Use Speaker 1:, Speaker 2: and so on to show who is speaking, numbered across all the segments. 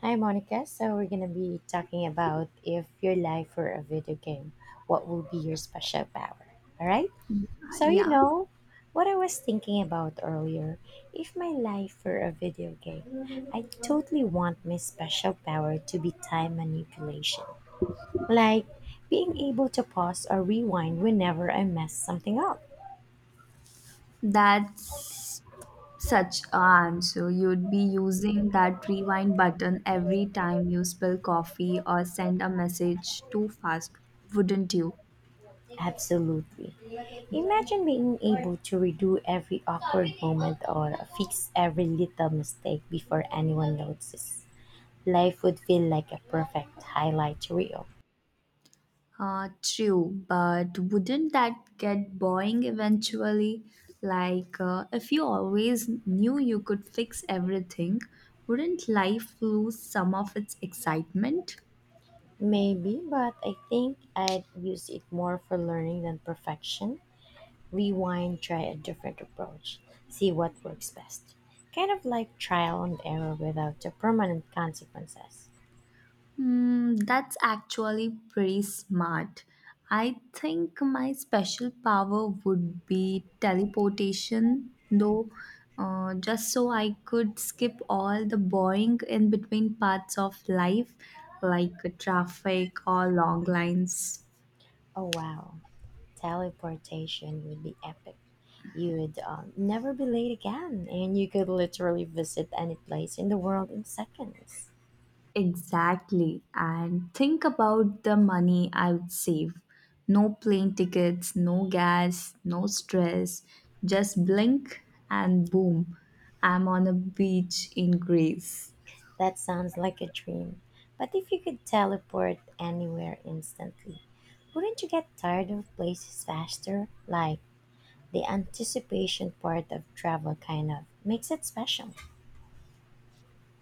Speaker 1: Hi, Monica. So, we're going to be talking about if your life were a video game, what would be your special power? All right. So, you
Speaker 2: Yeah,
Speaker 1: know, what I was thinking about earlier, if my life were a video game, I totally want my special power to be time manipulation, like being able to pause or rewind whenever I mess something up.
Speaker 2: that's such an answer. You'd be using that rewind button every time you spill coffee or send a message too fast, wouldn't you?
Speaker 1: Absolutely. Imagine being able to redo every awkward moment or fix every little mistake before anyone notices. Life would feel like a perfect highlight reel.
Speaker 2: True, but wouldn't that get boring eventually? Like, if you always knew you could fix everything, wouldn't life lose some of its excitement?
Speaker 1: Maybe, but I think I'd use it more for learning than perfection. Rewind, try a different approach, see what works best. Kind of like trial and error without the permanent consequences.
Speaker 2: Hmm, that's actually pretty smart. I think my special power would be teleportation, though, just so I could skip all the boring in between parts of life, like traffic or long lines.
Speaker 1: Oh wow, teleportation would be epic. You would never be late again, and you could literally visit any place in the world in seconds.
Speaker 2: Exactly. And think about the money I would save. No plane tickets, no gas, no stress. Just blink and boom, I'm on a beach in Greece.
Speaker 1: That sounds like a dream. But if you could teleport anywhere instantly, wouldn't you get tired of places faster? Like, the anticipation part of travel kind of makes it special.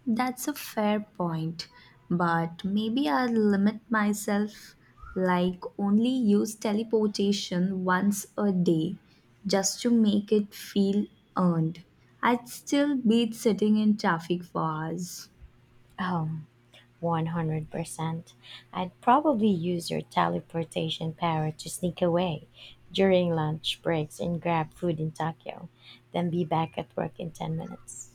Speaker 2: That's a fair point. But maybe I'll limit myself, like only use teleportation once a day just to make it feel earned. I'd still be sitting in traffic for hours.
Speaker 1: Oh, 100%. I'd probably use your teleportation power to sneak away during lunch breaks and grab food in Tokyo, then be back at work in 10 minutes.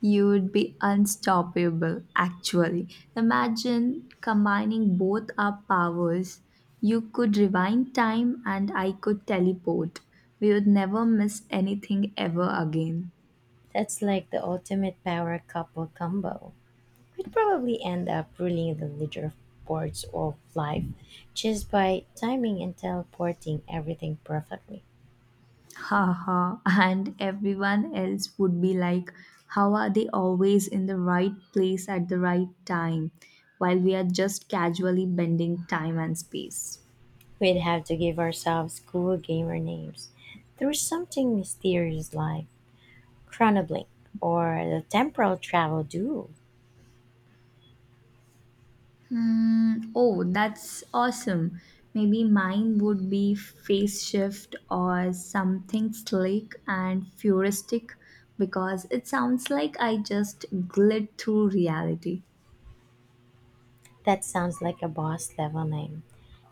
Speaker 2: You would be unstoppable, actually. Imagine combining both our powers. You could rewind time, and I could teleport. We would never miss anything ever again.
Speaker 1: That's like the ultimate power couple combo. We'd probably end up ruling the leader boards of life just by timing and teleporting everything perfectly.
Speaker 2: Haha, and everyone else would be like, how are they always in the right place at the right time? While we are just casually bending time and space.
Speaker 1: We'd have to give ourselves cool gamer names. There's something mysterious like Chronoblink or the Temporal Travel Duel.
Speaker 2: Hmm, oh, that's awesome. Maybe mine would be Face Shift or something slick and futuristic because it sounds like I just glid through reality.
Speaker 1: That sounds like a boss level name.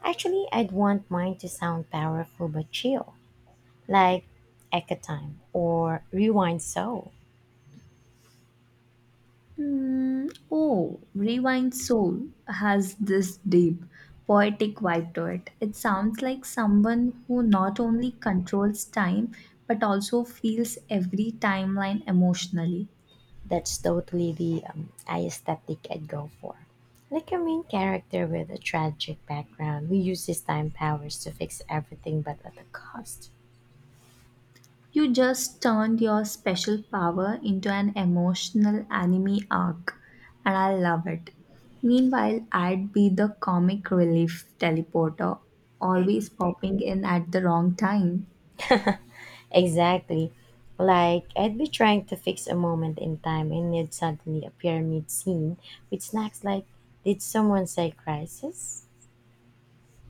Speaker 1: Actually, I'd want mine to sound powerful but chill, like Echo Time or Rewind Soul.
Speaker 2: Hmm, oh, Rewind Soul has this deep, poetic vibe to it. It sounds like someone who not only controls time but also feels every timeline emotionally.
Speaker 1: That's totally the aesthetic I'd go for. Like a main character with a tragic background who uses time powers to fix everything but at a cost.
Speaker 2: You just turned your special power into an emotional anime arc, and I love it. Meanwhile, I'd be the comic relief teleporter, always popping in at the wrong time.
Speaker 1: Exactly. Like, I'd be trying to fix a moment in time and it'd suddenly appear mid scene with snacks like, "Did someone say crisis?"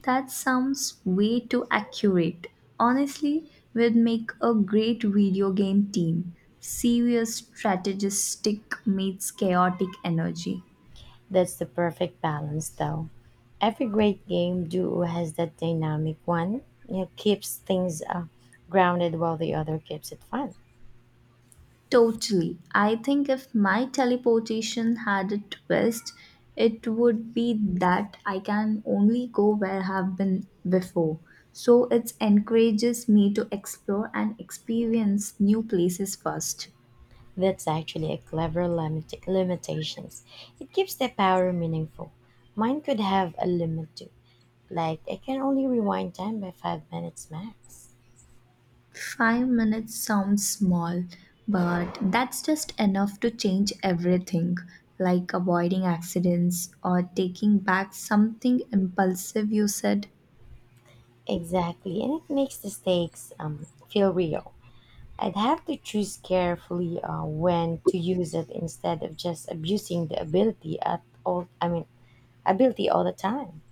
Speaker 2: That sounds way too accurate. Honestly, we'd make a great video game team. Serious strategistic meets chaotic energy.
Speaker 1: That's the perfect balance, though. Every great game duo has that dynamic one, you know, keeps things grounded while the other keeps it fun.
Speaker 2: Totally. I think if my teleportation had a twist, it would be that I can only go where I have been before. So it encourages me to explore and experience new places first.
Speaker 1: That's actually a clever limitations. It keeps the power meaningful. Mine could have a limit too. Like I can only rewind time by 5 minutes max.
Speaker 2: 5 minutes sounds small, but that's just enough to change everything, like avoiding accidents or taking back something impulsive you said.
Speaker 1: Exactly, and it makes the stakes feel real. I'd have to choose carefully when to use it instead of just abusing the ability at all. I mean, ability all the time.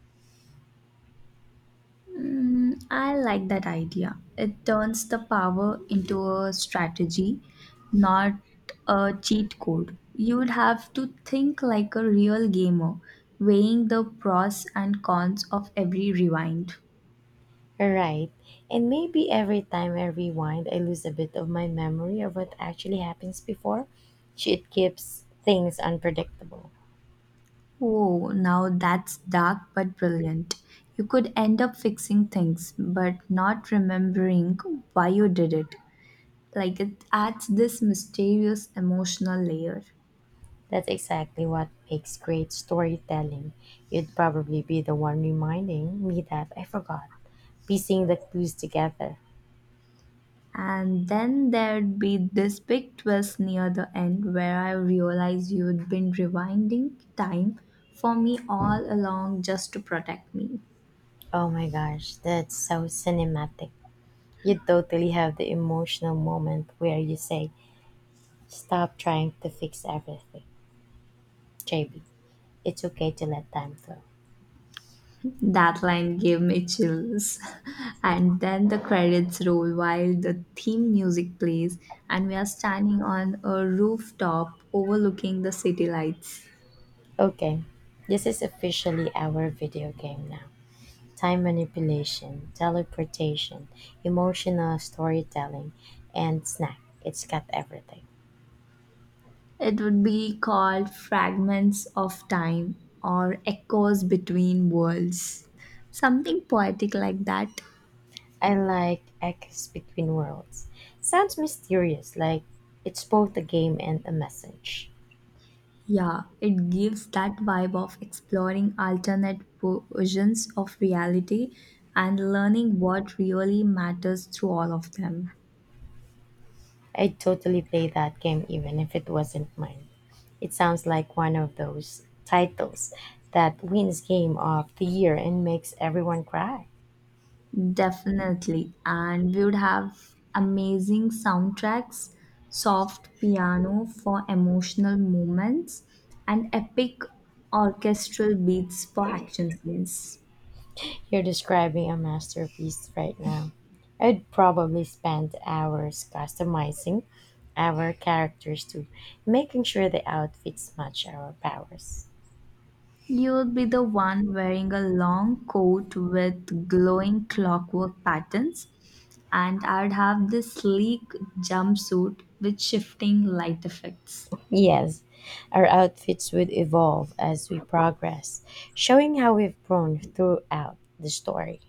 Speaker 2: Mm, I like that idea. It turns the power into a strategy, not a cheat code. You would have to think like a real gamer, weighing the pros and cons of every rewind.
Speaker 1: Right, and maybe every time I rewind, I lose a bit of my memory of what actually happens before. It keeps things unpredictable.
Speaker 2: Oh, now that's dark but brilliant. You could end up fixing things, but not remembering why you did it. Like it adds this mysterious emotional layer.
Speaker 1: That's exactly what makes great storytelling. You'd probably be the one reminding me that I forgot, piecing the clues together.
Speaker 2: And then there'd be this big twist near the end where I realized you'd been rewinding time for me all along just to protect me.
Speaker 1: Oh my gosh, that's so cinematic. You totally have the emotional moment where you say, "Stop trying to fix everything. JB, it's okay to let time flow."
Speaker 2: That line gave me chills. And then the credits roll while the theme music plays, and we are standing on a rooftop overlooking the city lights.
Speaker 1: Okay, this is officially our video game now. Time manipulation, teleportation, emotional storytelling, and snack. It's got everything.
Speaker 2: It would be called Fragments of Time or Echoes Between Worlds. Something poetic like that.
Speaker 1: I like Echoes Between Worlds. Sounds mysterious, like it's both a game and a message.
Speaker 2: Yeah, it gives that vibe of exploring alternate versions of reality and learning what really matters through all of them.
Speaker 1: I'd totally play that game even if it wasn't mine. It sounds like one of those titles that wins Game of the Year and makes everyone cry.
Speaker 2: Definitely. And we would have amazing soundtracks, soft piano for emotional moments, and epic orchestral beats for action scenes.
Speaker 1: You're describing a masterpiece right now. I'd probably spend hours customizing our characters too, making sure the outfits match our powers.
Speaker 2: You would be the one wearing a long coat with glowing clockwork patterns, and I'd have this sleek jumpsuit with shifting light effects.
Speaker 1: Yes, our outfits would evolve as we progress, showing how we've grown throughout the story.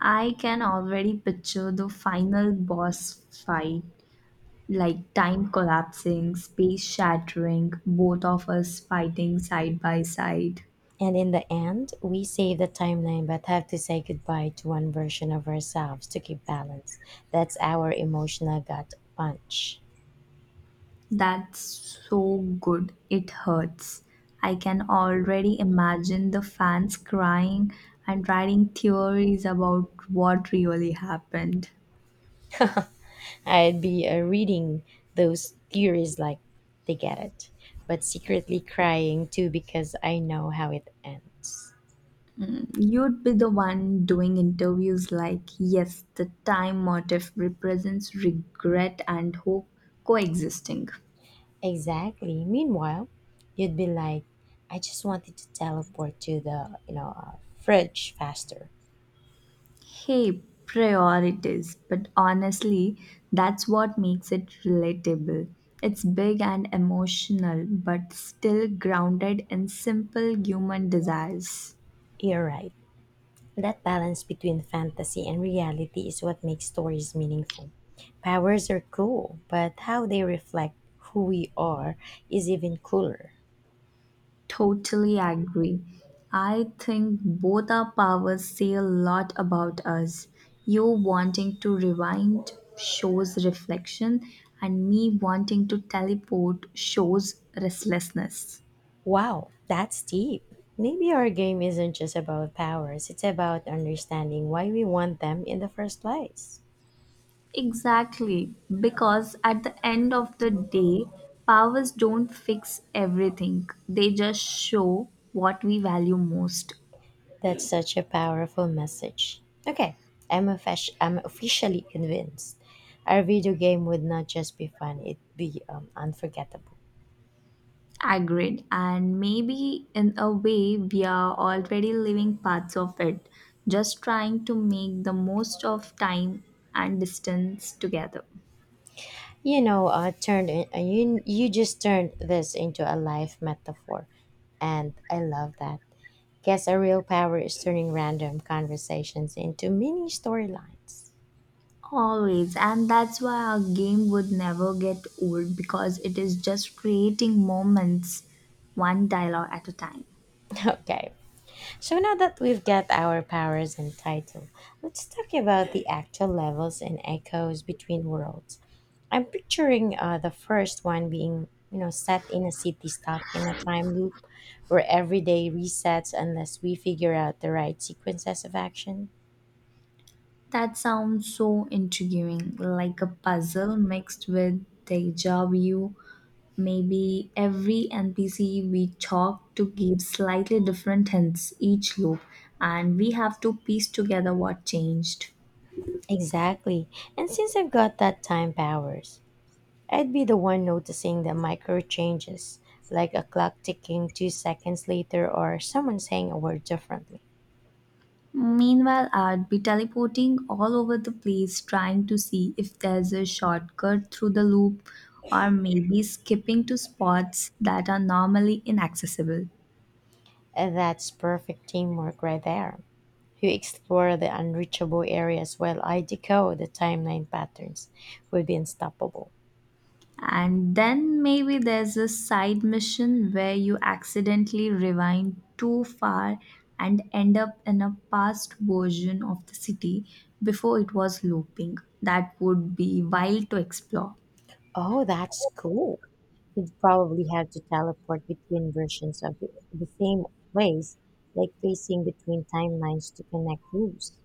Speaker 2: I can already picture the final boss fight, like time collapsing, space shattering, both of us fighting side by side.
Speaker 1: And in the end, we save the timeline but have to say goodbye to one version of ourselves to keep balance. That's our emotional gut punch.
Speaker 2: That's so good. It hurts. I can already imagine the fans crying and writing theories about what really happened.
Speaker 1: I'd be reading those theories like they get it, but secretly crying too because I know how it ends.
Speaker 2: You'd be the one doing interviews like, yes, the time motif represents regret and hope coexisting.
Speaker 1: Exactly. Meanwhile, you'd be like, "I just wanted to teleport to the, fridge faster."
Speaker 2: Hey, priorities. But honestly, that's what makes it relatable. It's big and emotional, but still grounded in simple human desires.
Speaker 1: You're right. That balance between fantasy and reality is what makes stories meaningful. Powers are cool, but how they reflect who we are is even cooler.
Speaker 2: Totally agree. I think both our powers say a lot about us. You wanting to rewind shows reflection, and me wanting to teleport shows restlessness.
Speaker 1: Wow, that's deep. Maybe our game isn't just about powers, it's about understanding why we want them in the first place.
Speaker 2: Exactly, because at the end of the day, powers don't fix everything, they just show what we value most.
Speaker 1: That's such a powerful message. Okay, I'm officially convinced. Our video game would not just be fun, it'd be unforgettable.
Speaker 2: Agreed, and maybe in a way, we are already living parts of it, just trying to make the most of time and distance together.
Speaker 1: You know, turned in, you you just turned this into a life metaphor, and I love that. Guess a real power is turning random conversations into mini storylines.
Speaker 2: Always, and that's why our game would never get old because it is just creating moments, one dialogue at a time.
Speaker 1: Okay, so now that we've got our powers and title, let's talk about the actual levels and echoes between worlds. I'm picturing the first one being, you know, set in a city stuck in a time loop where every day resets unless we figure out the right sequences of action.
Speaker 2: That sounds so intriguing, like a puzzle mixed with deja vu. Maybe every NPC we talk to gives slightly different hints each loop, and we have to piece together what changed.
Speaker 1: Exactly. And since I've got that time powers, I'd be the one noticing the micro changes, like a clock ticking 2 seconds later or someone saying a word differently.
Speaker 2: Meanwhile, I'd be teleporting all over the place trying to see if there's a shortcut through the loop or maybe skipping to spots that are normally inaccessible.
Speaker 1: And that's perfect teamwork right there. You explore the unreachable areas while I decode the timeline patterns would be unstoppable.
Speaker 2: And then maybe there's a side mission where you accidentally rewind too far and end up in a past version of the city before it was looping. That would be wild to explore.
Speaker 1: Oh, that's cool. You'd probably have to teleport between versions of the same place, like facing between timelines to connect loops.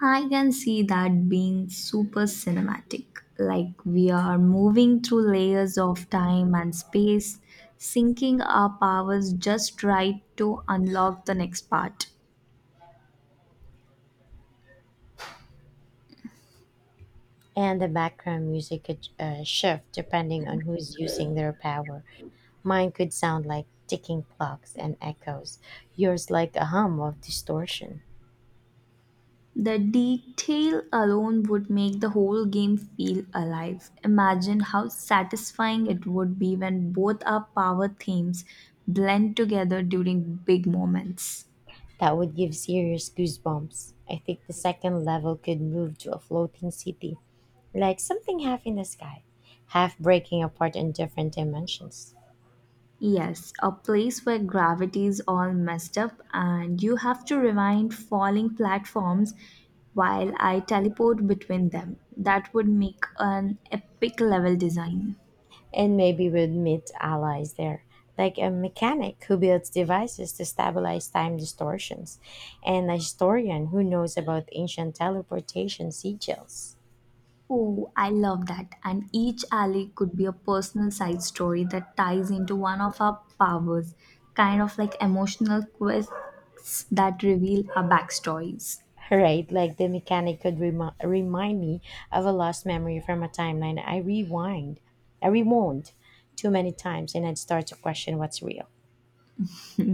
Speaker 2: I can see that being super cinematic. Like we are moving through layers of time and space, syncing our powers just right to unlock the next part.
Speaker 1: And the background music could shift depending on who's using their power. Mine could sound like ticking clocks and echoes, yours like a hum of distortion.
Speaker 2: The detail alone would make the whole game feel alive. Imagine how satisfying it would be when both our power themes blend together during big moments.
Speaker 1: That would give serious goosebumps. I think the second level could move to a floating city, like something half in the sky, half breaking apart in different dimensions.
Speaker 2: Yes, a place where gravity is all messed up and you have to rewind falling platforms while I teleport between them. That would make an epic level design.
Speaker 1: And maybe we'd meet allies there, like a mechanic who builds devices to stabilize time distortions, and a historian who knows about ancient teleportation sigils.
Speaker 2: Oh, I love that. And each alley could be a personal side story that ties into one of our powers, kind of like emotional quests that reveal our backstories.
Speaker 1: Right, like the mechanic could remind me of a lost memory from a timeline I rewound too many times, and I'd start to question what's real.